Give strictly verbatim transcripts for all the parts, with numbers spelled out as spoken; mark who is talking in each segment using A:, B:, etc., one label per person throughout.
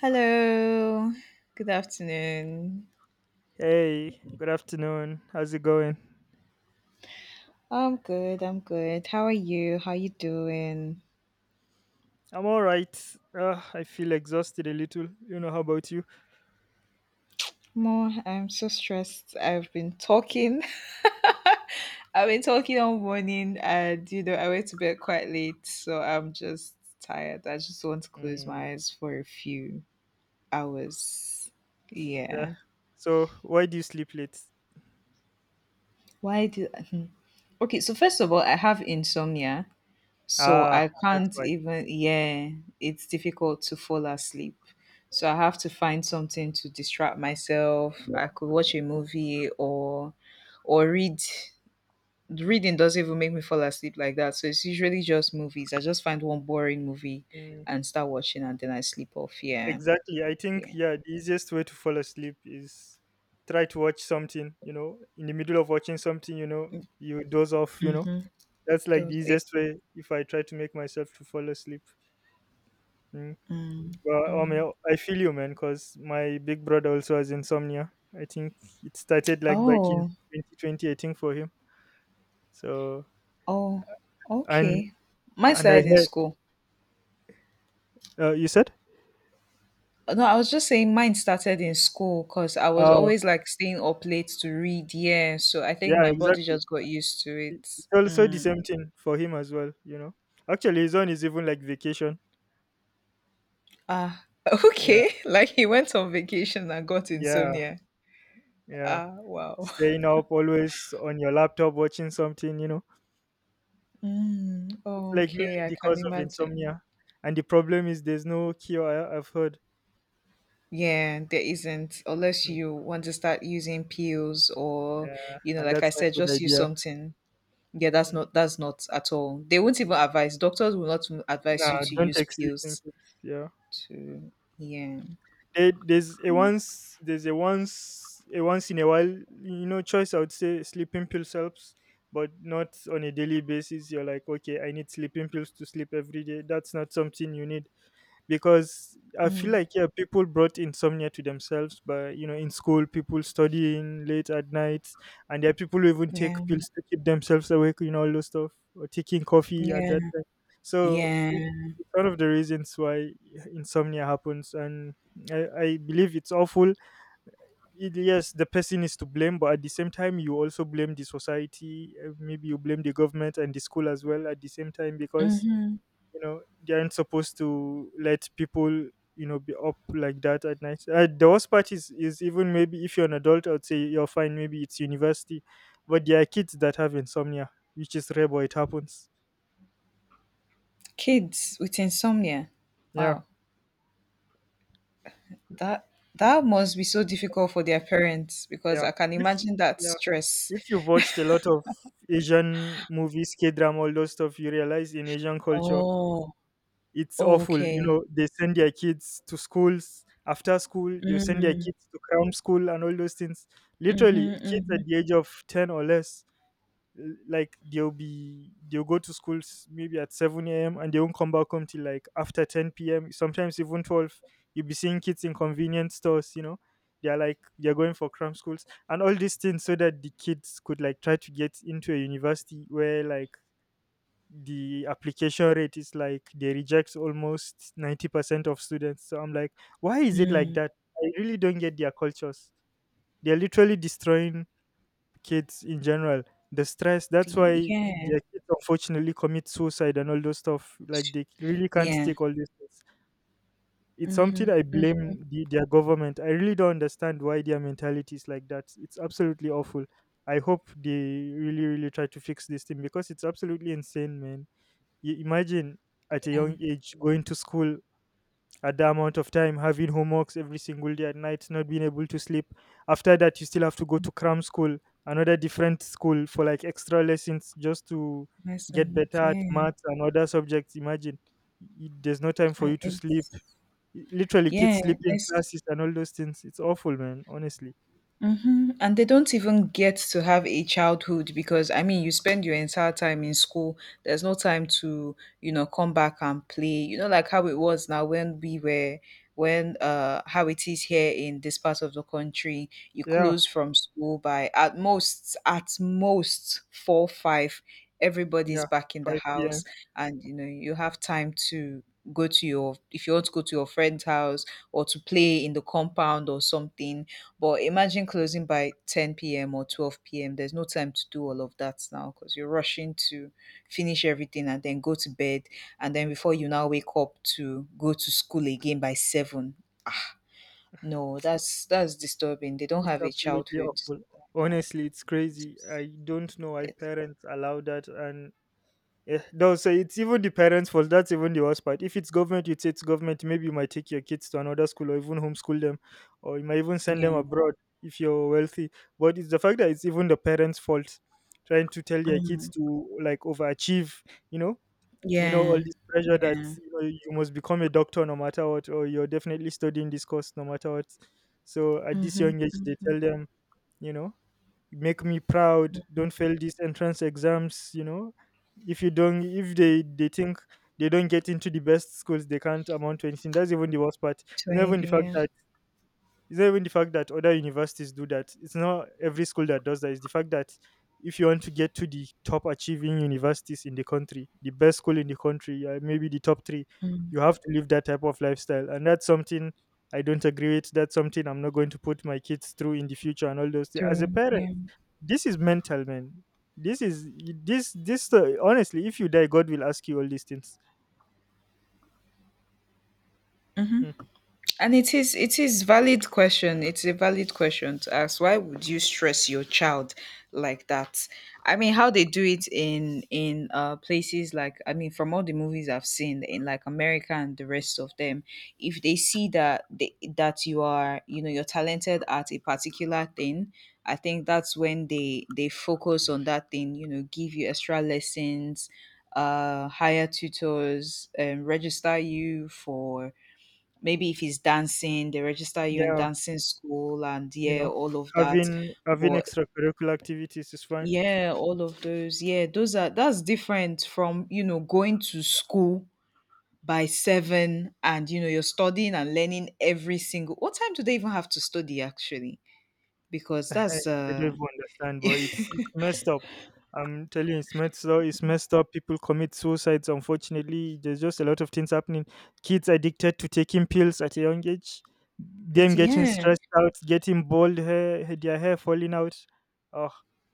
A: Hello. Good afternoon.
B: Hey, good afternoon. How's it going?
A: I'm good. I'm good. How are you? How you doing?
B: I'm all right. Uh, I feel exhausted a little. You know, how about you?
A: More, I'm so stressed. I've been talking. I've been talking all morning and you know, I went to bed quite late, so I'm just tired. I just want to close
B: Mm,
A: my eyes for a few hours.
B: yeah.
A: Yeah.
B: So, why do you sleep late?
A: Why do okay, so first of all, I have insomnia. So I
B: Ah, that's
A: can't
B: why.
A: even, yeah, it's difficult to fall asleep. So I have to find something to distract myself. I could watch a movie or or read. Reading doesn't even make me fall asleep like that. So it's usually just movies. I just find one boring movie
B: Mm,
A: and start watching and then I sleep off. Yeah.
B: exactly. I think,
A: Yeah.
B: yeah, the easiest way to fall asleep is try to watch something you know in the middle of watching something you know you doze off you know
A: Mm-hmm.
B: That's like the
A: Those, yeah.
B: easiest way if I try to make myself to fall asleep. Mm.
A: Mm.
B: Well, I
A: Mm.
B: mean, I feel you, man, because my big brother also has insomnia. I think it started like back in
A: Oh,
B: twenty twenty, I think, for him. So,
A: oh,
B: and
A: okay. My
B: and I
A: side in
B: heard,
A: school.
B: uh, you said,
A: No, I was just saying mine started in school because I was
B: oh,
A: always like staying up late to read. Yeah. So I think
B: yeah,
A: my body
B: exactly.
A: just got used to
B: It-
A: it.
B: it's also the
A: Mm.
B: same thing for him as well, you know. Actually his own is even like vacation.
A: Ah,
B: Yeah,
A: okay. Like he went on vacation and got
B: yeah,
A: insomnia.
B: yeah.
A: Ah, wow.
B: Staying up always on your laptop watching something, you know.
A: Mm.
B: It's like
A: Okay. I
B: mainly
A: can
B: cause of
A: imagine.
B: insomnia. And the problem is there's no cure, I- I've heard.
A: Yeah, there isn't unless
B: Mm.
A: you want to start using pills or,
B: Yeah,
A: you know,
B: and
A: like
B: that's
A: I
B: not
A: said,
B: a good
A: just use
B: idea.
A: something. Yeah, that's
B: Mm,
A: not that's not at all. They won't even
B: mm.
A: advise. Doctors will not advise
B: Nah,
A: you to
B: don't
A: use
B: take sleeping
A: pills.
B: pills. Yeah.
A: To yeah.
B: There, there's a once there's a once a once in a while, you know, choice I would say sleeping pills helps, but not on a daily basis. You're like, okay, I need sleeping pills to sleep every day. That's not something you need because I feel
A: Mm,
B: like, yeah, people brought insomnia to themselves. But, you know, in school, people studying late at night, and there are people who even take
A: yeah,
B: pills to keep themselves awake. You know, all those stuff, or taking coffee at
A: yeah,
B: that time. So
A: yeah.
B: it, it's one of the reasons why insomnia happens, and I, I believe it's awful. It, yes, the person is to blame, but at the same time, you also blame the society. uh, Maybe you blame the government and the school as well at the same time because
A: Mm-hmm.
B: you know they aren't supposed to let people, you know, be up like that at night. Uh, the worst part is is even maybe if you're an adult, I'd say you're fine. Maybe it's university, but there are kids that have insomnia, which is rare, but it happens.
A: Kids with insomnia.
B: Yeah,
A: Wow. that that must be so difficult for their parents because
B: yeah.
A: I can
B: if
A: imagine that
B: yeah
A: stress.
B: if you've watched a lot of Asian movies, K-drama, all those stuff, you realize in Asian culture
A: Oh.
B: it's awful. You
A: Okay.
B: know, they send their kids to schools. After school, they send their
A: Mm,
B: kids to cram school and all those things.
A: mm-hmm,
B: Literally, kids
A: mm-hmm,
B: at the age of ten or less, l- like they'll be they'll go to schools maybe at seven a m and they won't come back home till like after ten p m. Sometimes even twelve. You'll be seeing kids in convenience stores, you know. They're like they're going for cram schools and all these things so that the kids could like try to get into a university where like the application rate is like they reject almost ninety percent of students. So I'm like, why is it like
A: mm.
B: that? I really don't get their cultures. They're literally destroying kids in general. The stress,
A: The,
B: that's why
A: yeah,
B: their kids unfortunately commit suicide and all those stuff, like they really can't
A: yeah.
B: take all these things. It's
A: Mm-hmm,
B: something I
A: mm.
B: blame the, their government. I really don't understand why their mentality is like that. It's absolutely awful. I hope they really, really try to fix this thing because it's absolutely insane, man. You imagine, at a young age, going to school, at the amount of time, having homeworks every single day at night, not being able to sleep. After that, you still have to go to cram school, another different school for like extra lessons just to get better
A: Lessons,
B: at
A: yeah.
B: maths and other subjects. Imagine, y- there's no time for
A: and
B: you to sleep.
A: it's
B: Y- literally kids
A: Yeah.
B: sleep in
A: There's
B: classes and all those things. It's awful, man, honestly.
A: hmm and they don't even get to have a childhood because, I mean, you spend your entire time in school. There's no time to, you know, come back and play. You know, like how it was now when we were, when, uh, how it is here in this part of the country. You
B: Yeah,
A: close from school by at most, at most four, five. Everybody's
B: yeah,
A: back in the
B: 5
A: house
B: p.m.
A: and, you know, you have time to go to your, if you want to go to your friend's house or to play in the compound or something, but imagine closing by ten p m or twelve p m. There's no time to do all of that now because you're rushing to finish everything and then go to bed. And then before you now wake up to go to school again by seven. Ah, no, that's that's disturbing. They don't
B: It's
A: have a
B: absolutely
A: childhood
B: awful.
A: like that.
B: Honestly, it's crazy.
A: It's-
B: I don't know why
A: it-
B: parents allow that. And eh, they'll say it's even the parents' fault. That's even the worst part. If it's government, you'd say it's government. Maybe you might take your kids to another school or even homeschool them, or you might even send them
A: yeah.
B: abroad if you're wealthy. But it's the fact that it's even the parents' fault, trying to tell their kids
A: Mm.
B: to like overachieve, you know, you know all
A: Yeah.
B: this pressure that,
A: Yeah.
B: you know, you must become a doctor no matter what, or you're definitely studying this course no matter what. So at this
A: Mm-hmm.
B: young age, they
A: Mm-hmm.
B: tell them, you know, make me proud, don't fail these entrance exams, you know, if you don't, if they they think they don't get into the best schools, they can't amount to anything. That's even the worst part. It's
A: To
B: not even the
A: anything,
B: fact
A: yeah.
B: that it's not even the fact that other universities do that. It's not every school that does that. It's the fact that if you want to get to the top achieving universities in the country, the best school in the country, uh, maybe the top three,
A: Mm.
B: you have to live that type of lifestyle. And that's something I don't agree with. That's something I'm not going to put my kids through in the future and all those things. As a
A: Through,
B: parent,
A: yeah.
B: this is mental, man. This is this this uh, Honestly, if you die, God will ask you all these things.
A: Mm-hmm.
B: Hmm.
A: And it is it is valid question. It's a valid question to ask. Why would you stress your child like that? I mean, how they do it in in uh, places like, I mean, from all the movies I've seen in like America and the rest of them, if they see that they, that you are, you know, you're talented at a particular thing, I think that's when they they focus on that thing. You know, give you extra lessons, uh, hire tutors, and register you for maybe if it's dancing, they register you in
B: Yeah,
A: dancing school and
B: you
A: yeah,
B: know,
A: all of that.
B: having having
A: But
B: extracurricular activities is fine.
A: yeah, all of those, yeah, those are that's different from, you know, going to school by seven and you know you're studying and learning every single what time do they even have to study actually? Because
B: I
A: that's
B: I don't
A: uh
B: even understand, but it's it's messed up. I'm telling you, it's messed up. It's messed up. People commit suicides. Unfortunately, there's just a lot of things happening. Kids addicted to taking pills at a young age. Them
A: it's
B: getting
A: yeah.
B: stressed out, getting bald hair, their hair falling out. Oh,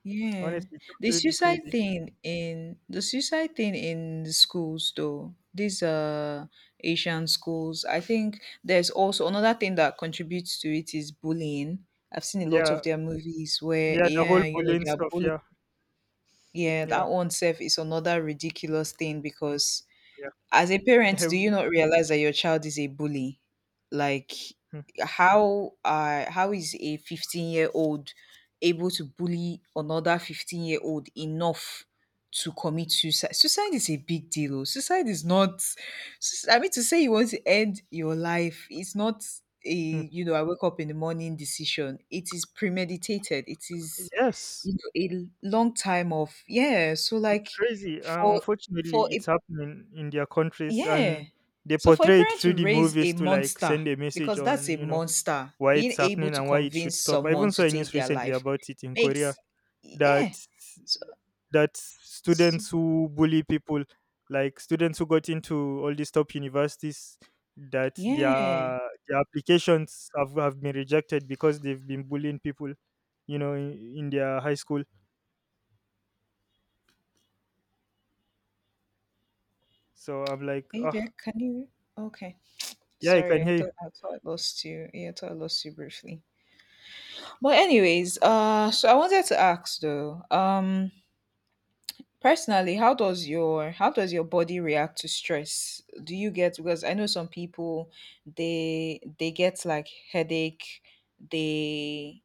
A: Yeah.
B: honestly, it's
A: The
B: absolutely
A: suicide
B: crazy.
A: thing in the suicide thing in the schools though, these uh Asian schools, I think there's also another thing that contributes to it is bullying. I've seen a lot
B: Yeah,
A: of their movies where
B: yeah, the whole
A: yeah, you know,
B: bullying
A: they are
B: stuff.
A: bullying.
B: Yeah,
A: Yeah,
B: yeah,
A: that one self is another ridiculous thing
B: mm,
A: because, as a parent,
B: yeah.
A: do you not realize that your child is a bully? Like
B: Mm,
A: how uh how is a fifteen-year-old able to bully another fifteen-year-old enough to commit suicide? Suicide is a big deal. Oh. Suicide is not sus- I mean, to say you want to end your life, it's not a,
B: mm.
A: you know, I wake up in the morning decision. It is premeditated. It is,
B: Yes,
A: you know, a long time of yeah, so
B: it's
A: like
B: crazy. Uh,
A: for for
B: unfortunately, it's
A: a
B: happening in their countries,
A: yeah.
B: and they
A: So for a
B: portray it
A: parent
B: through
A: to
B: the
A: raise a
B: movies to like
A: monster,
B: send a message
A: because that's
B: on,
A: a
B: you know,
A: monster,
B: why it's
A: being able
B: happening
A: to
B: and why it should
A: convince
B: stop. I
A: someone
B: even saw
A: to
B: a
A: take
B: news
A: their
B: recently
A: life
B: about it in Korea
A: makes
B: that
A: yeah. So,
B: that
A: so-
B: students who bully people, like students who got into all these top universities, that
A: yeah.
B: their their applications have, have been rejected because they've been bullying people, you know, in, in their high school. So I'm like,
A: Are you
B: oh,
A: there? Can you okay.
B: yeah, I can
A: Sorry, I
B: hear you.
A: thought I thought I lost you. Yeah, I thought I lost you briefly. But anyways, uh so I wanted to ask though, um personally, how does your how does your body react to stress? Do you get, because I know some people, they they get like headache, they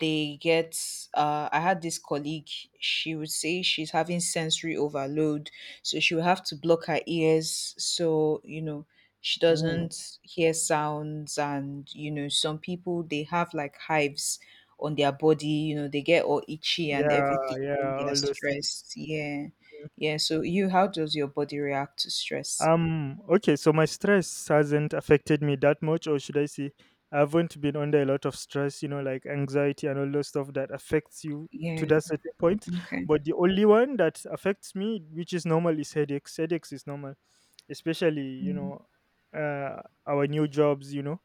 A: they get uh I had this colleague, she would say she's having sensory overload, so she would have to block her ears so you know she
B: Ooh,
A: doesn't hear sounds, and you know some people they have like hives on their body, you know, they get all itchy and
B: yeah,
A: everything
B: yeah,
A: when they are
B: all those things.
A: stressed. Yeah. Yeah. So you, how does your body react to stress?
B: Um, okay, so my stress hasn't affected me that much, or should I say, I haven't been under a lot of stress, you know, like anxiety and all those stuff that affects you to
A: Yeah.
B: that certain point.
A: Okay.
B: But the only one that affects me, which is normal, is headaches. Headaches is normal, especially, you
A: Mm.
B: know, uh, our new jobs, you know.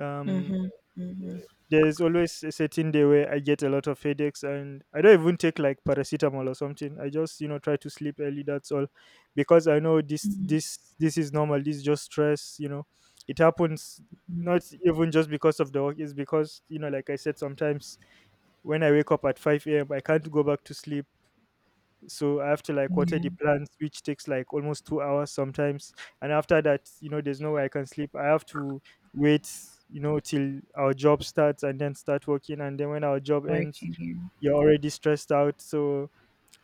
B: Um,
A: Mhm. Mhm.
B: there's always a certain day where I get a lot of headaches and I don't even take like paracetamol or something. I just, you know, try to sleep early, that's all. Because I know this
A: Mhm.
B: this this is normal. This is just stress, you know. It happens
A: Mhm.
B: not even just because of the work, it's because, you know, like I said, sometimes when I wake up at five a m, I can't go back to sleep. So I have to like water
A: Yeah.
B: the plants, which takes like almost two hours sometimes. And after that, you know, there's no way I can sleep. I have to wait, you know, till our job starts and then start working. And then when our job ends,
A: Working. Here.
B: you're already stressed out. So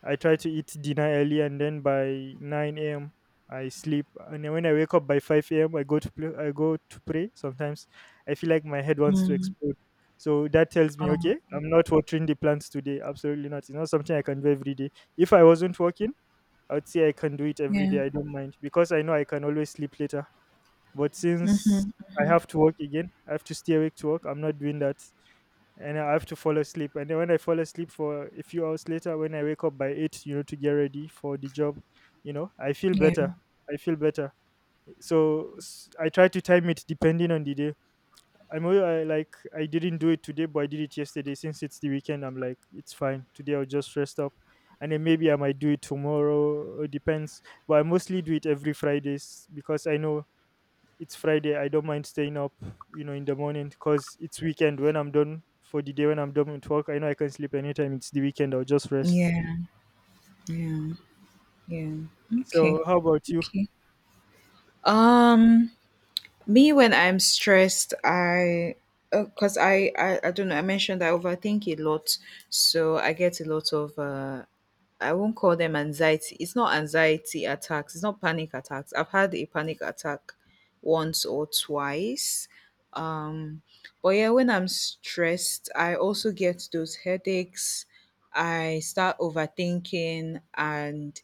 B: I try to eat dinner early, and then by nine a m. I sleep, and then when I wake up by five a m, I go to play, I go to pray. Sometimes I feel like my head wants to
A: Mm.
B: explode, so that tells me, okay,
A: Oh.
B: I'm not watering the plants today. Absolutely not. It's not something I can do every day. If I wasn't working, I would say I can do it every
A: Yeah.
B: day. I don't mind because I know I can always sleep later. But since
A: Mhm.
B: I
A: Mhm.
B: have to work again, I have to stay awake to work. I'm not doing that. And I have to fall asleep. And then when I fall asleep for a few hours later, when I wake up by eight, you know, to get ready for the job, you know, I feel
A: Yeah.
B: better. I feel better. So s- I try to time it depending on the day. I'm al- I, like I didn't do it today, but I did it yesterday. Since it's the weekend, I'm like it's fine. Today I'll just rest up, and then maybe I might do it tomorrow. It depends. But I mostly do it every Fridays because I know it's Friday. I don't mind staying up, you know, in the morning because it's weekend. When I'm done for the day, when I'm done with work, I know I can sleep anytime. It's the weekend. I'll just rest.
A: Yeah. Yeah. Yeah. Okay.
B: So, how about you?
A: Okay. Um, me when I'm stressed, I because I, I I don't know. I mentioned I overthink a lot, so I get a lot of uh I won't call them anxiety. It's not anxiety attacks. It's not panic attacks. I've had a panic attack once or twice. Um, but yeah, when I'm stressed, I also get those headaches. I start overthinking and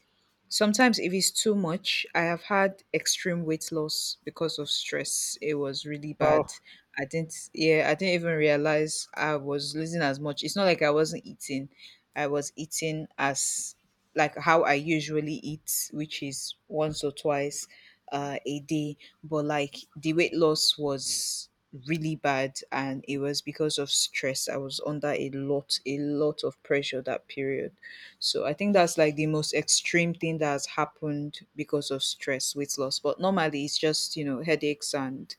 A: sometimes if it's too much, I have had extreme weight loss because of stress. It was really
B: Wow.
A: bad. I didn't yeah, I didn't even realize I was losing as much. It's not like I wasn't eating. I was eating as like how I usually eat, which is once or twice uh, a day. But like the weight loss was really bad and it was because of stress. I was under a lot, a lot of pressure that period. So I think that's like the most extreme thing that has happened because of stress, weight loss. But normally it's just, you know, headaches and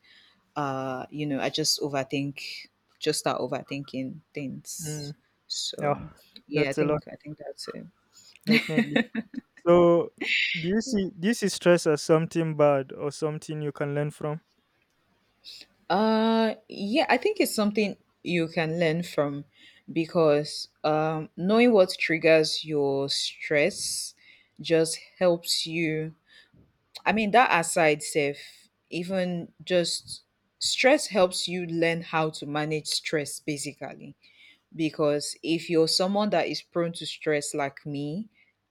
A: uh, you know, I just overthink just start overthinking
B: Mm,
A: things. So
B: yeah,
A: yeah, I
B: that's a lot,
A: think I think that's it.
B: definitely. So do you see do you see stress as something bad or something you can learn from?
A: Uh yeah, I think it's something you can learn from because um knowing what triggers your stress just helps you. I mean, that aside, Seth, even just stress helps you learn how to manage stress basically because if you're someone that is prone to stress like me,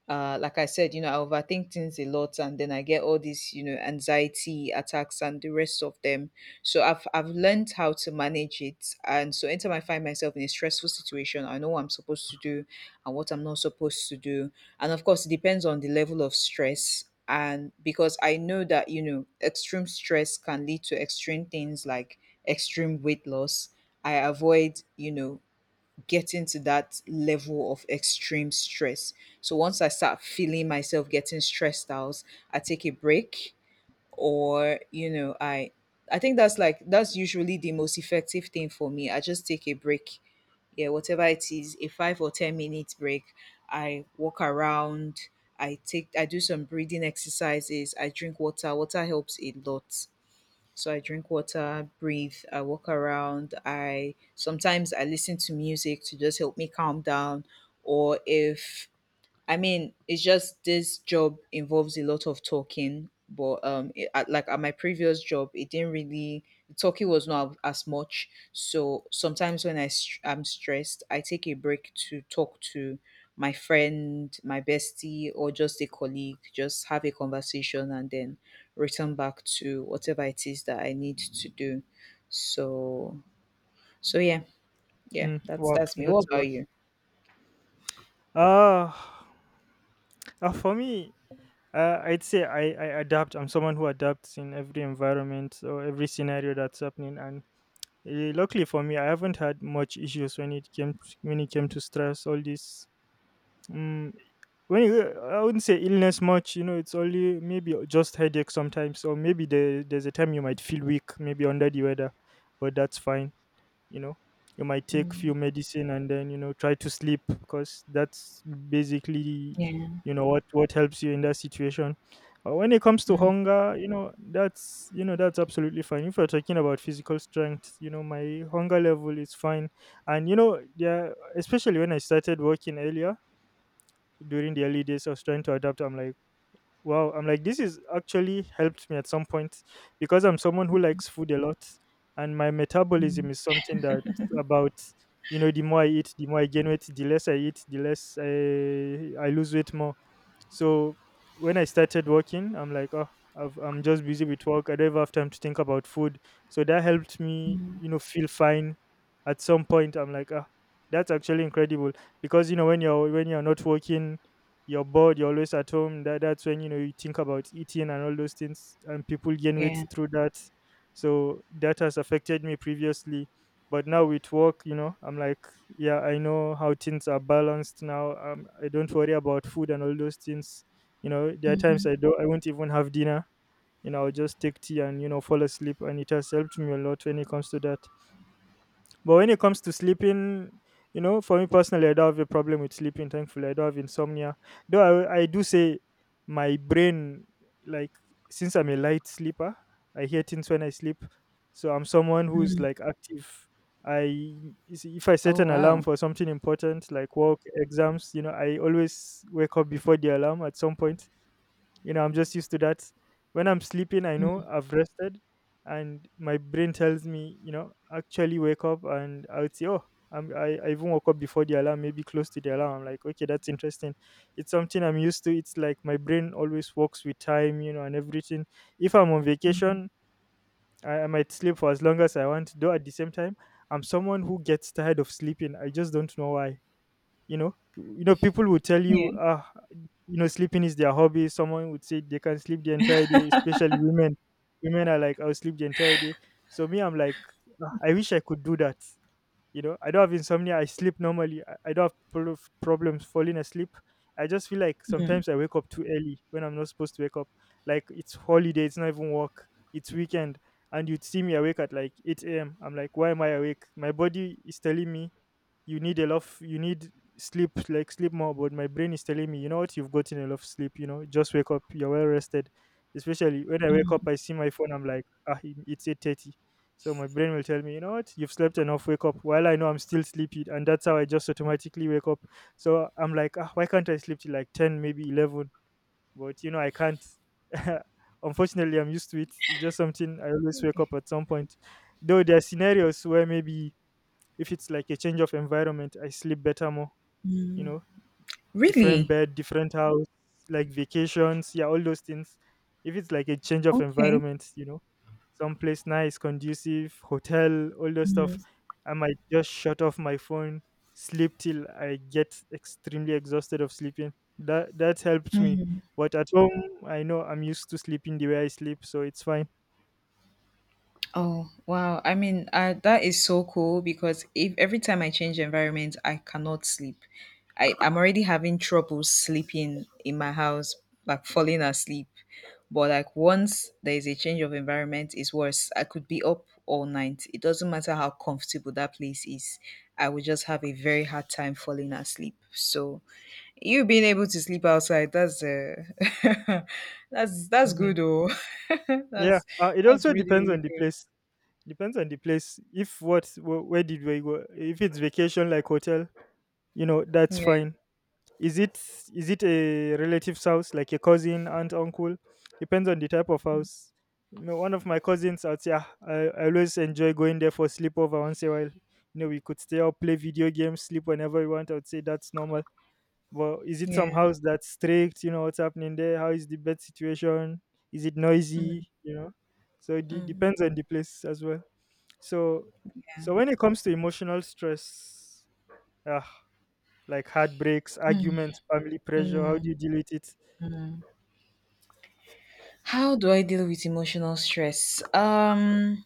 A: uh like I said, you know, I overthink things a lot and then I get all these you know anxiety attacks and the rest of them, so i've I've learned how to manage it, and so anytime I find myself in a stressful situation I know what I'm supposed to do and what I'm not supposed to do. And of course it depends on the level of stress, and because I know that, you know, extreme stress can lead to extreme things like extreme weight loss, I avoid, you know, getting to that level of extreme stress. So once I start feeling myself getting stressed out, I take a break, or you know, I I think that's like that's usually the most effective thing for me. I just take a break. Yeah, whatever it is, a five or ten minutes break. I walk around, I take I do some breathing exercises, I drink water. Water helps a lot, so I drink water, breathe, I walk around, I sometimes I listen to music to just help me calm down. Or if, I mean, it's just this job involves a lot of talking, but um, it, at, like at my previous job, it didn't really the talking was not as much. So sometimes when I str- I'm stressed, I take a break to talk to my friend, my bestie, or just a colleague. Just have a conversation and then return back to whatever it is that I need to do. So, so yeah, yeah,
B: Hmm.
A: that's
B: Wow,
A: that's me.
B: not
A: What
B: a lot.
A: about you?
B: Ah, uh, for me, Uh, I'd say I, I adapt. I'm someone who adapts in every environment or every scenario that's happening. And uh, luckily for me, I haven't had much issues when it came to, when it came to stress. All this, um, when it, I wouldn't say illness much. You know, it's only maybe just headache sometimes, or maybe there, there's a time you might feel weak, maybe under the weather, but that's fine. You know, you might take few
A: Mm,
B: medicine and then, you know, try to sleep because that's basically,
A: yeah,
B: you know, what what helps you in that situation. Uh, when it comes to
A: mm,
B: hunger, you know, that's, you know, that's absolutely fine. If you're talking about physical strength, you know, my hunger level is fine. And you know, yeah, especially when I started working earlier, during the early days I was trying to adapt. I'm like, wow, I'm like, this is actually helped me at some point because I'm someone who likes food a lot, and my metabolism is something that, about, you know, the more I eat the more I gain weight, the less I eat the less i, I lose weight more. So when I started working, I'm like, oh, I've, I'm just busy with work. I don't even have time to think about food. So that helped me, you know, feel fine. At some point, I'm like, ah, that's actually incredible because you know when you're when you're not working, you're bored. You're always at home. That that's when you know you think about eating and all those things, and people gain weight
A: yeah.
B: through that. So that has affected me previously, but now with work, you know, I'm like, yeah, I know how things are balanced now. um, I don't worry about food and all those things. You know, there are times
A: Hmm.
B: i don't I won't even have dinner. You know, I'll just take tea and you know fall asleep, and it has helped me a lot when it comes to that. But when it comes to sleeping, you know, for me personally, I don't have a problem with sleeping. Thankfully, I don't have insomnia. Though I, I do say my brain, like, since I'm a light sleeper, I hear things when I sleep. So I'm someone who's like active. I, you see, if I set
A: Oh,
B: an alarm
A: wow.
B: for something important like work, exams, you know, I always wake up before the alarm at some point. You know, I'm just used to that. When I'm sleeping, I know I've rested, and my brain tells me, you know, actually wake up, and I would say, oh, I'm, I, I even woke up before the alarm, maybe close to the alarm. I'm like, okay, that's interesting. It's something I'm used to. It's like my brain always works with time, you know, and everything. If I'm on
A: Mhm.
B: vacation, I, I might sleep for as long as I want, though at the same time, I'm someone who gets tired of sleeping. I just don't know why. You know you know, people will tell you,
A: Yeah.
B: ah, you know, sleeping is their hobby. Someone would say they can sleep the entire day, especially women. Women are like, I'll sleep the entire day. So me, I'm like, "Ah, I wish I could do that. You know, I don't have insomnia. I sleep normally. I, I don't have pro- problems falling asleep. I just feel like
A: Mm,
B: sometimes I wake up too early when I'm not supposed to wake up, like it's holiday, it's not even work, it's weekend, and you'd see me awake at like eight a.m. I'm like, why am I awake? My body is telling me you need a lot of, you need sleep, like sleep more. But my brain is telling me, you know what, you've gotten a lot of sleep, you know, just wake up, you're well rested. Especially when I wake up
A: mm.
B: I see my phone I'm like, ah, it- it's eight thirty. So my brain will tell me, you know what, you've slept enough, wake up, while I know I'm still sleepy, and that's how I just automatically wake up. So I'm like, ah, why can't I sleep till like ten, maybe eleven? But you know I can't. Unfortunately, I'm used to it. It's just something, I always wake up at some point. Though there are scenarios where maybe if it's like a change of environment, I sleep better more, you
A: Mm.
B: know, different
A: Really?
B: bed, different house, like vacations, yeah, all those things. If it's like a change of
A: Okay.
B: environment, you know, someplace nice, conducive, hotel, all those stuff,
A: Mm,
B: I might just shut off my phone, sleep till I get extremely exhausted of sleeping. That that helped me.
A: mm.
B: But at home, I know I'm used to sleeping the way I sleep, so it's fine.
A: Oh, wow. I mean, uh, that is so cool because if every time I change environment, I cannot sleep. I, I'm already having trouble sleeping in my house, like falling asleep. But like once there is a change of environment, it's worse. I could be up all night. It doesn't matter how comfortable that place is. I would just have a very hard time falling asleep. So you being able to sleep outside, that's uh, that's that's
B: Mhm.
A: good oh.
B: Yeah,
A: that's
B: uh, it
A: that's
B: also
A: really,
B: depends
A: really
B: on the
A: good.
B: place. Depends on the place. If what wh- where did we go? If it's vacation like hotel, you know, that's
A: Yeah,
B: fine. Is it is it a relative's house, like a cousin, aunt, uncle? Depends on the type of house. You know, one of my cousins out here, I, I always enjoy going there for sleepover once in a while. You know, we could stay up, play video games, sleep whenever we want. I would say that's normal. But is it some
A: yeah.
B: house that's strict? You know what's happening there? How is the bed situation? Is it
A: Mm,
B: noisy? You know, so it de-
A: mm,
B: depends on the place as well. So, so when it comes to emotional stress, ah, like heartbreaks,
A: mm,
B: arguments, family pressure? How do
A: mm,
B: you deal with it?
A: mm. How do I deal with emotional stress? Um,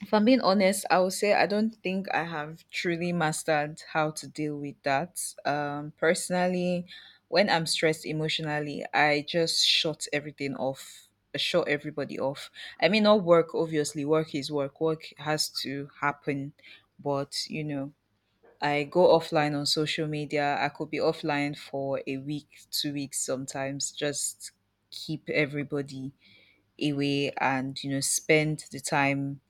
A: if I'm being honest, I would say I don't think I have truly mastered how to deal with that. Um, personally, when I'm stressed emotionally, I just shut everything off. Shut everybody off. I mean, not work, obviously. Work is work. Work has to happen. But, you know, I go offline on social media. I could be offline for a week, two weeks sometimes, just keep everybody away and, you know, spend the time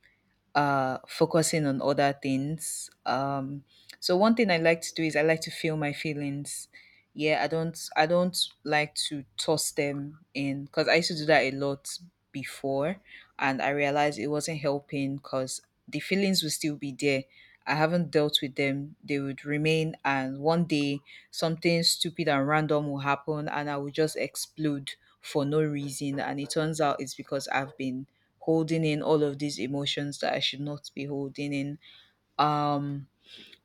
A: uh, focusing on other things. Um, so one thing I like to do is I like to feel my feelings. Yeah, I don't I don't like to toss them in because I used to do that a lot before, and I realized it wasn't helping because the feelings will still be there. I haven't dealt with them; they would remain, and one day something stupid and random will happen, and I will just explode for no reason. And it turns out it's because I've been holding in all of these emotions that I should not be holding in. Um,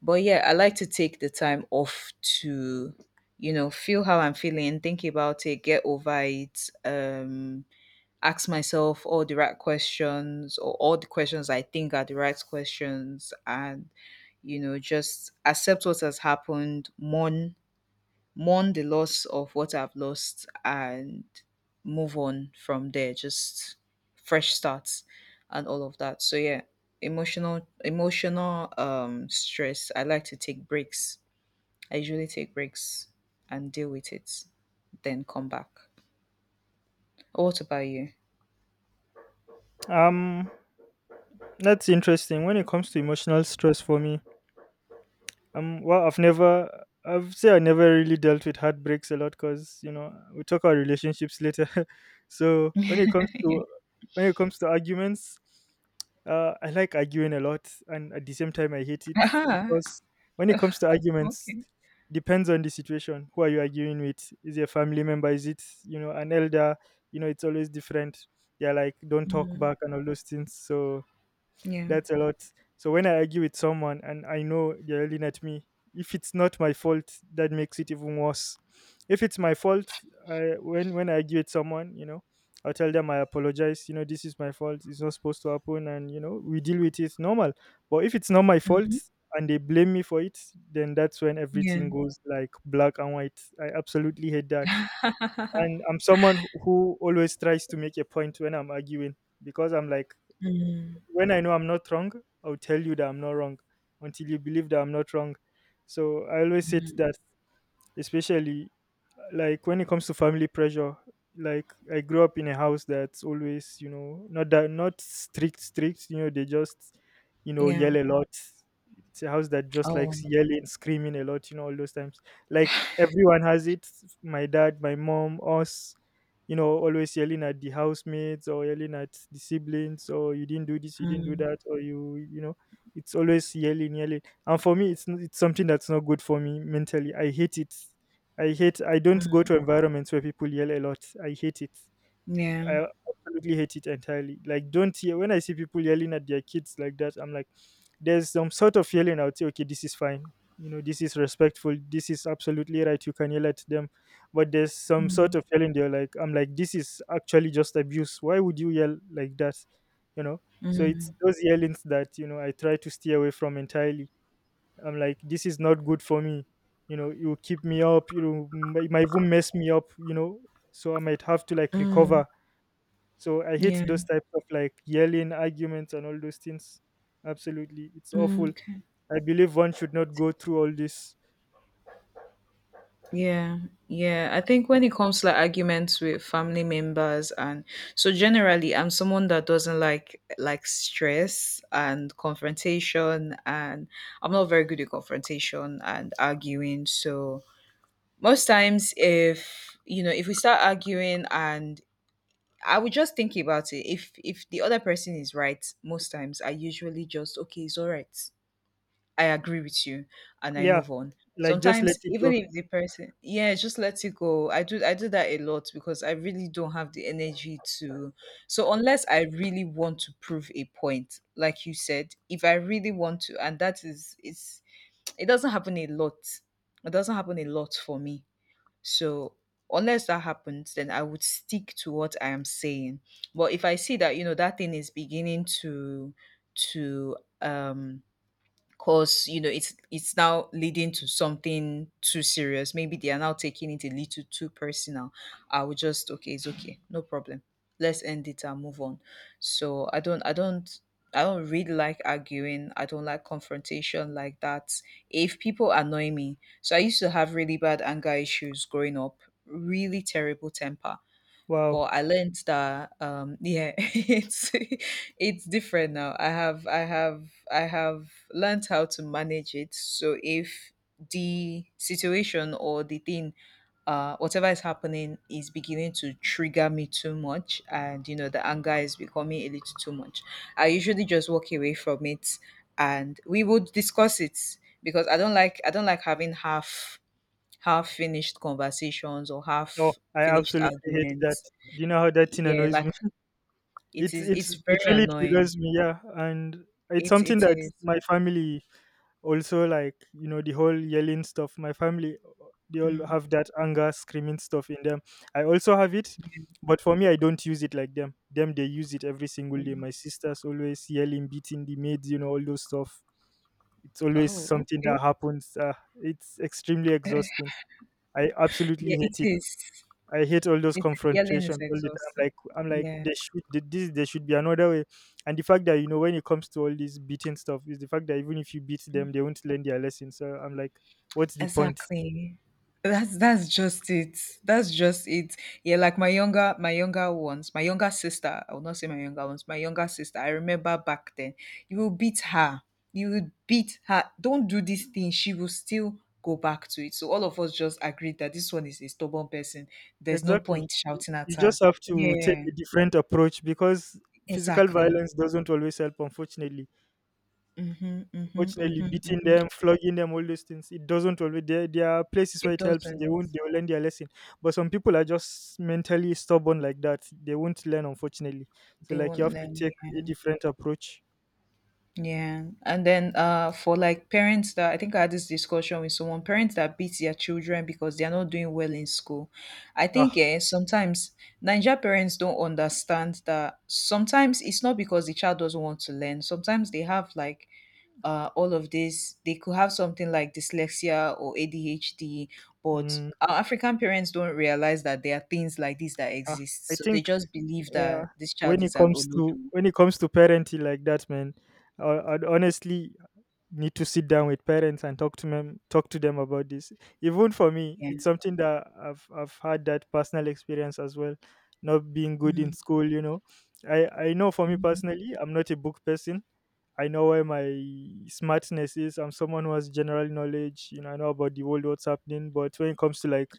A: but yeah, I like to take the time off to, you know, feel how I'm feeling, think about it, get over it, um, ask myself all the right questions or all the questions I think are the right questions, and you know, just accept what has happened. Mourn mourn the loss of what I've lost and move on from there. Just fresh starts and all of that. So yeah, emotional emotional um stress. I like to take breaks. I usually take breaks and deal with it, then come back. What about you?
B: Um, that's interesting. When it comes to emotional stress for me, um, well, I've never, I've say I never really dealt with heartbreaks a lot because you know we talk about relationships later. So when it comes to, when it comes to arguments, uh, I like arguing a lot, and at the same time I hate it
A: Aha.
B: because when it comes to arguments,
A: Okay.
B: depends on the situation. Who are you arguing with? Is it a family member? Is it, you know, an elder? You know, it's always different. Yeah, like don't talk
A: Mm,
B: back and all those things. So
A: yeah.
B: that's a lot. So when I argue with someone and I know they're yelling at me, if it's not my fault, that makes it even worse. If it's my fault, I, when when I argue with someone, you know, I tell them I apologize. You know, this is my fault. It's not supposed to happen, and you know, we deal with it normal. But if it's not my fault
A: Hmm.
B: and they blame me for it, then that's when
A: Yeah.
B: everything goes like black and white. I absolutely hate that. And I'm someone who always tries to make a point when I'm arguing because I'm like,
A: Mm,
B: when I know I'm not wrong, I'll tell you that I'm not wrong until you believe that I'm not wrong. So I always said
A: mm,
B: that, especially like when it comes to family pressure, like I grew up in a house that's always, you know, not that, not strict strict, you know, they just, you know,
A: yeah.
B: yell a lot. It's a house that just
A: Oh.
B: likes yelling, screaming a lot, you know, all those times, like everyone has it. My dad, my mom, us, you know, always yelling at the housemates, or yelling at the siblings, or you didn't do this, you didn't do
A: Mm,
B: that, or you you know, it's always yelling, yelling. And for me it's n- it's something that's not good for me mentally. I hate it. I hate I don't go
A: mm,
B: to environments where people yell a lot. I hate it.
A: yeah.
B: I absolutely hate it entirely. Like don't yell. When I see people yelling at their kids like that, I'm like, there's some sort of yelling I would say, okay, this is fine. You know, this is respectful. This is absolutely right. You can yell at them. But there's some sort
A: Mm,
B: of yelling they're like, I'm like, this is actually just abuse. Why would you yell like that? You know? So it's
A: mm,
B: those yellings that, you know, I try to stay away from entirely. I'm like, this is not good for me. You know, it will keep me up. You know, m- it might even mess me up. You know, so I might have to like
A: mm.
B: recover. So I hate
A: Yeah.
B: those types of like yelling, arguments, and all those things. Absolutely, it's
A: Mm,
B: awful.
A: okay.
B: I believe one should not go through all this.
A: Yeah. Yeah, I think when it comes to like arguments with family members and so generally, I'm someone that doesn't like like stress and confrontation, and I'm not very good at confrontation and arguing. So most times, if you know, if we start arguing and I would just think about it. If if the other person is right, most times I usually just okay, it's all right. I agree with you and I
B: Yeah,
A: move on.
B: like just let
A: Sometimes
B: it go.
A: even if the person yeah, just let it go. I do I do that a lot because I really don't have the energy to, so unless I really want to prove a point, like you said, if I really want to, and that is it's it doesn't happen a lot. It doesn't happen a lot for me. So unless that happens, then I would stick to what I am saying. But if I see that, you know, that thing is beginning to to um because you know it's it's now leading to something too serious, maybe they are now taking it a little too personal. I would just okay, it's okay, no problem, let's end it and move on. So i don't i don't I don't really like arguing. I don't like confrontation like that. If people annoy me, so I used to have really bad anger issues growing up, really terrible temper.
B: Wow.
A: But I learned that um yeah, it's it's different now. I have I have I have learned how to manage it. So if the situation or the thing uh whatever is happening is beginning to trigger me too much, and you know, the anger is becoming a little too much, I usually just walk away from it and we would discuss it. Because I don't like I don't like having half half finished conversations or
B: Oh,
A: half
B: I
A: finished
B: absolutely hate that.
A: arguments.
B: Do you know how that thing
A: Yeah,
B: annoys
A: like
B: me?
A: it
B: It
A: is,
B: it
A: it's
B: it
A: very
B: really
A: annoying.
B: triggers me, yeah, and it's
A: It
B: something
A: it
B: that
A: is.
B: my family also like. You know, the whole yelling stuff. My family, they all
A: Mm,
B: have that anger, screaming stuff in them. I also have it,
A: yeah,
B: but for me, I don't use it like them. Them, they use it every single day.
A: mm.
B: My sisters always yelling, beating the maids, you know, all those stuff. It's always
A: Oh,
B: something
A: okay.
B: that happens. Uh, it's extremely exhausting. I absolutely
A: Yeah, it
B: hate it.
A: is.
B: I hate all those
A: It yelling is
B: confrontations all the time.
A: exhausting.
B: Like I'm like
A: Yeah.
B: there should th- this there should be another way. And the fact that you know when it comes to all this beating stuff is the fact that even if you beat them, they won't learn their lesson. So I'm like, what's the point?
A: Exactly. That's that's just it. That's just it. Yeah, like my younger my younger ones, my younger sister, I will not say my younger ones, my younger sister, I remember back then, you will beat her. You will beat her. Don't do this thing. She will still go back to it. So all of us just agreed that this one is a stubborn person. There's no
B: Exactly.
A: point
B: You
A: shouting at
B: you just
A: her.
B: have to take
A: Yeah,
B: a different approach because physical
A: exactly.
B: violence doesn't always help, unfortunately.
A: Mm-hmm, mm-hmm,
B: Fortunately
A: mm-hmm,
B: beating
A: mm-hmm.
B: them, flogging them, all those things. It doesn't always. There, there are places where
A: It
B: it helps. They won't.
A: doesn't.
B: They will learn their lesson. But some people are just mentally stubborn like that. They won't learn, unfortunately. So
A: They
B: like you
A: won't
B: have to
A: let
B: take
A: me.
B: a different approach.
A: Yeah. And then uh for like parents that, I think I had this discussion with someone, parents that beat their children because they are not doing well in school. I
B: Ah,
A: think yeah, sometimes Ninja parents don't understand that sometimes it's not because the child doesn't want to learn. Sometimes they have like uh, all of this. They could have something like dyslexia or A D H D, but
B: mm,
A: our African parents don't realize that there are things like this that
B: ah. I
A: exist. So they
B: think
A: just believe
B: yeah.
A: that this child
B: When it
A: is an
B: comes to
A: Olodo.
B: when it comes to parenting like that, man, uh, honestly, need to sit down with parents and talk to them talk to them about this, even for me
A: Yeah.
B: it's something that i've i've had that personal experience as well, not being good in
A: Mhm.
B: school. You know i i know for me
A: Mhm.
B: personally I'm not a book person. I know where my smartness is. I'm someone who has general knowledge, you know I know about the world, what's happening, but when it comes to like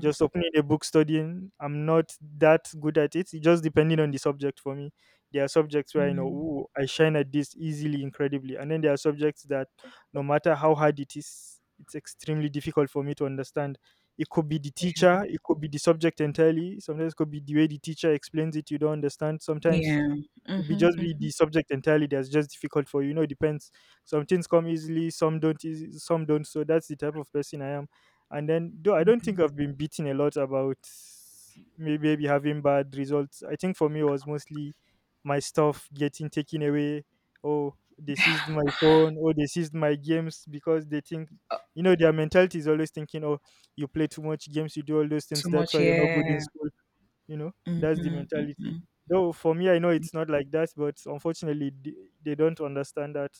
B: just opening a book, studying, I'm not that good at it. It just depending on the subject. For me there are subjects where I know,
A: Mm.
B: ooh, I shine at this easily, incredibly. And then there are subjects that no matter how hard it is, it's extremely difficult for me to understand. It could be the
A: Yeah.
B: teacher, it could be the subject entirely. Sometimes it could be the way the teacher explains it, you don't understand. Sometimes
A: Yeah.
B: could be
A: Mhm,
B: just be
A: mhm.
B: the subject entirely that's just difficult for you. You know, it depends. Some things come easily, some don't, easy, some don't. So that's the type of person I am. And then, though I don't think I've been beaten a lot about may- maybe having bad results. I think for me it was mostly my stuff getting taken away. Oh, they seized my phone. Oh, they seized my games because they think, you know, their mentality is always thinking, oh, you play too much games, you do all those things.
A: Too
B: That's
A: much,
B: why you're not good in
A: yeah.
B: school. You know, that's the
A: Mhm, mhm.
B: mentality. Though for me, I know it's not like that, but unfortunately, th- they don't understand that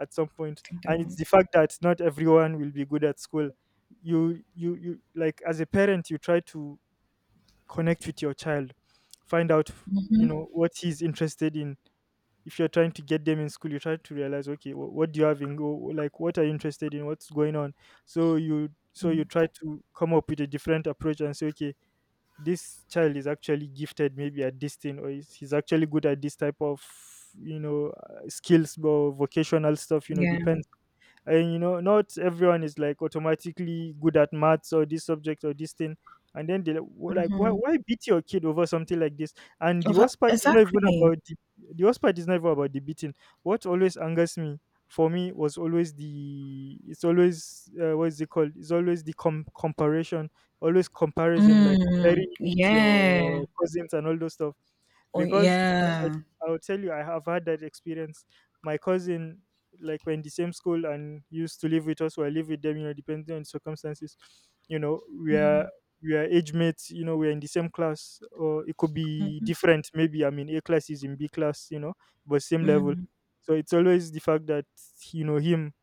B: at some point.
A: They
B: And it's
A: don't.
B: the fact that not everyone will be good at school. You, you, you, like as a parent, you try to connect with your child, find out, you know, what he's interested in. If you're trying to get them in school, you try to realize, okay, what, what do you have in go? Like, what are you interested in? What's going on? So you so you try to come up with a different approach and say, okay, this child is actually gifted maybe at this thing, or he's, he's actually good at this type of, you know, uh, skills or vocational stuff. You know,
A: Yeah.
B: depends. And you know not everyone is like automatically good at maths or this subject or this thing. And then they like wh- like, why,
A: Mhm.
B: why beat your kid over something like this? And the
A: Over
B: worst part is not even
A: exactly.
B: about the, the worst part is not even about the beating. What always angers me, for me was always the it's always uh, what is it called, it's always the com- comparison, always comparison, like comparing
A: Mm.
B: you with
A: Yeah.
B: your cousins and all those stuff.
A: Oh,
B: Because I,
A: yeah.
B: I, I'll tell you, I have had that experience. My cousin, like we're in the same school and used to live with us, or I live with them, you know, depending on circumstances. You know, we are
A: Mm.
B: we are age mates, you know, we're in the same class, or it could be
A: Mhm.
B: different. Maybe I'm in A class, he's in B class, you know, but same level.
A: Mm.
B: So it's always the fact that, you know, him,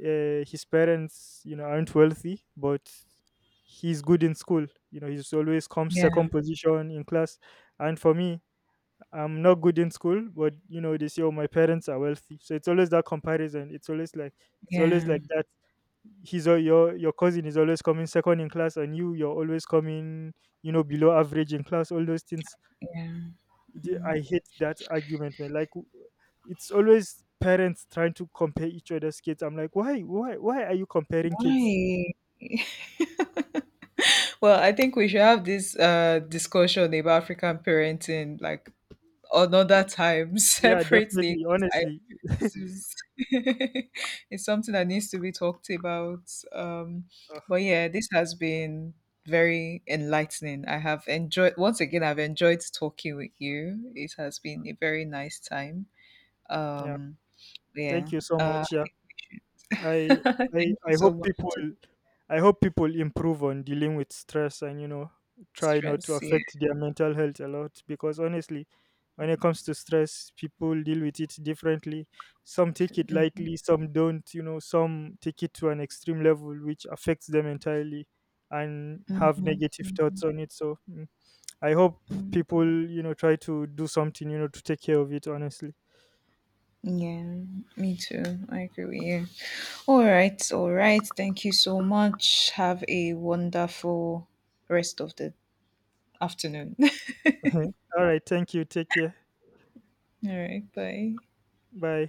B: uh, his parents, you know, aren't wealthy, but he's good in school. You know, he's always comes second
A: Yeah.
B: position in class. And for me, I'm not good in school, but you know, they say, oh, my parents are wealthy. So it's always that comparison. It's always like, it's always
A: Yeah.
B: like that. He's al- your your cousin is always coming second in class, and you you're always coming, you know, below average in class. All those things.
A: Yeah.
B: The-
A: Mm.
B: I hate that argument, man. Like, w- it's always parents trying to compare each other's kids. I'm like, why, why, why are you comparing kids?
A: Why? Well, I think we should have this uh discussion about African parenting like another time.
B: Yeah,
A: Separately.
B: definitely, honestly.
A: This is it's something that needs to be talked about. Um,
B: Ugh,
A: but yeah, this has been very enlightening. I have enjoyed, once again. I've enjoyed talking with you. It has been a very nice time.
B: yeah.
A: Um,
B: Thank
A: yeah.
B: you so
A: Uh,
B: much. Yeah. I
A: thank
B: I
A: you
B: I
A: so
B: hope
A: much
B: people
A: to
B: I hope people improve on dealing with stress, and you know try not to
A: stress. Yeah.
B: affect their mental health a lot, because honestly when it comes to stress people deal with it differently. Some take it lightly, some don't, you know, some take it to an extreme level which affects them entirely, and have
A: Mm-hmm,
B: negative thoughts on it. So mm, I hope
A: hmm.
B: people, you know, try to do something, you know, to take care of it honestly.
A: Yeah, me too. I agree with you. All right, all right. Thank you so much. Have a wonderful rest of the afternoon.
B: Alright, thank you. Take care.
A: All right. Bye.
B: Bye.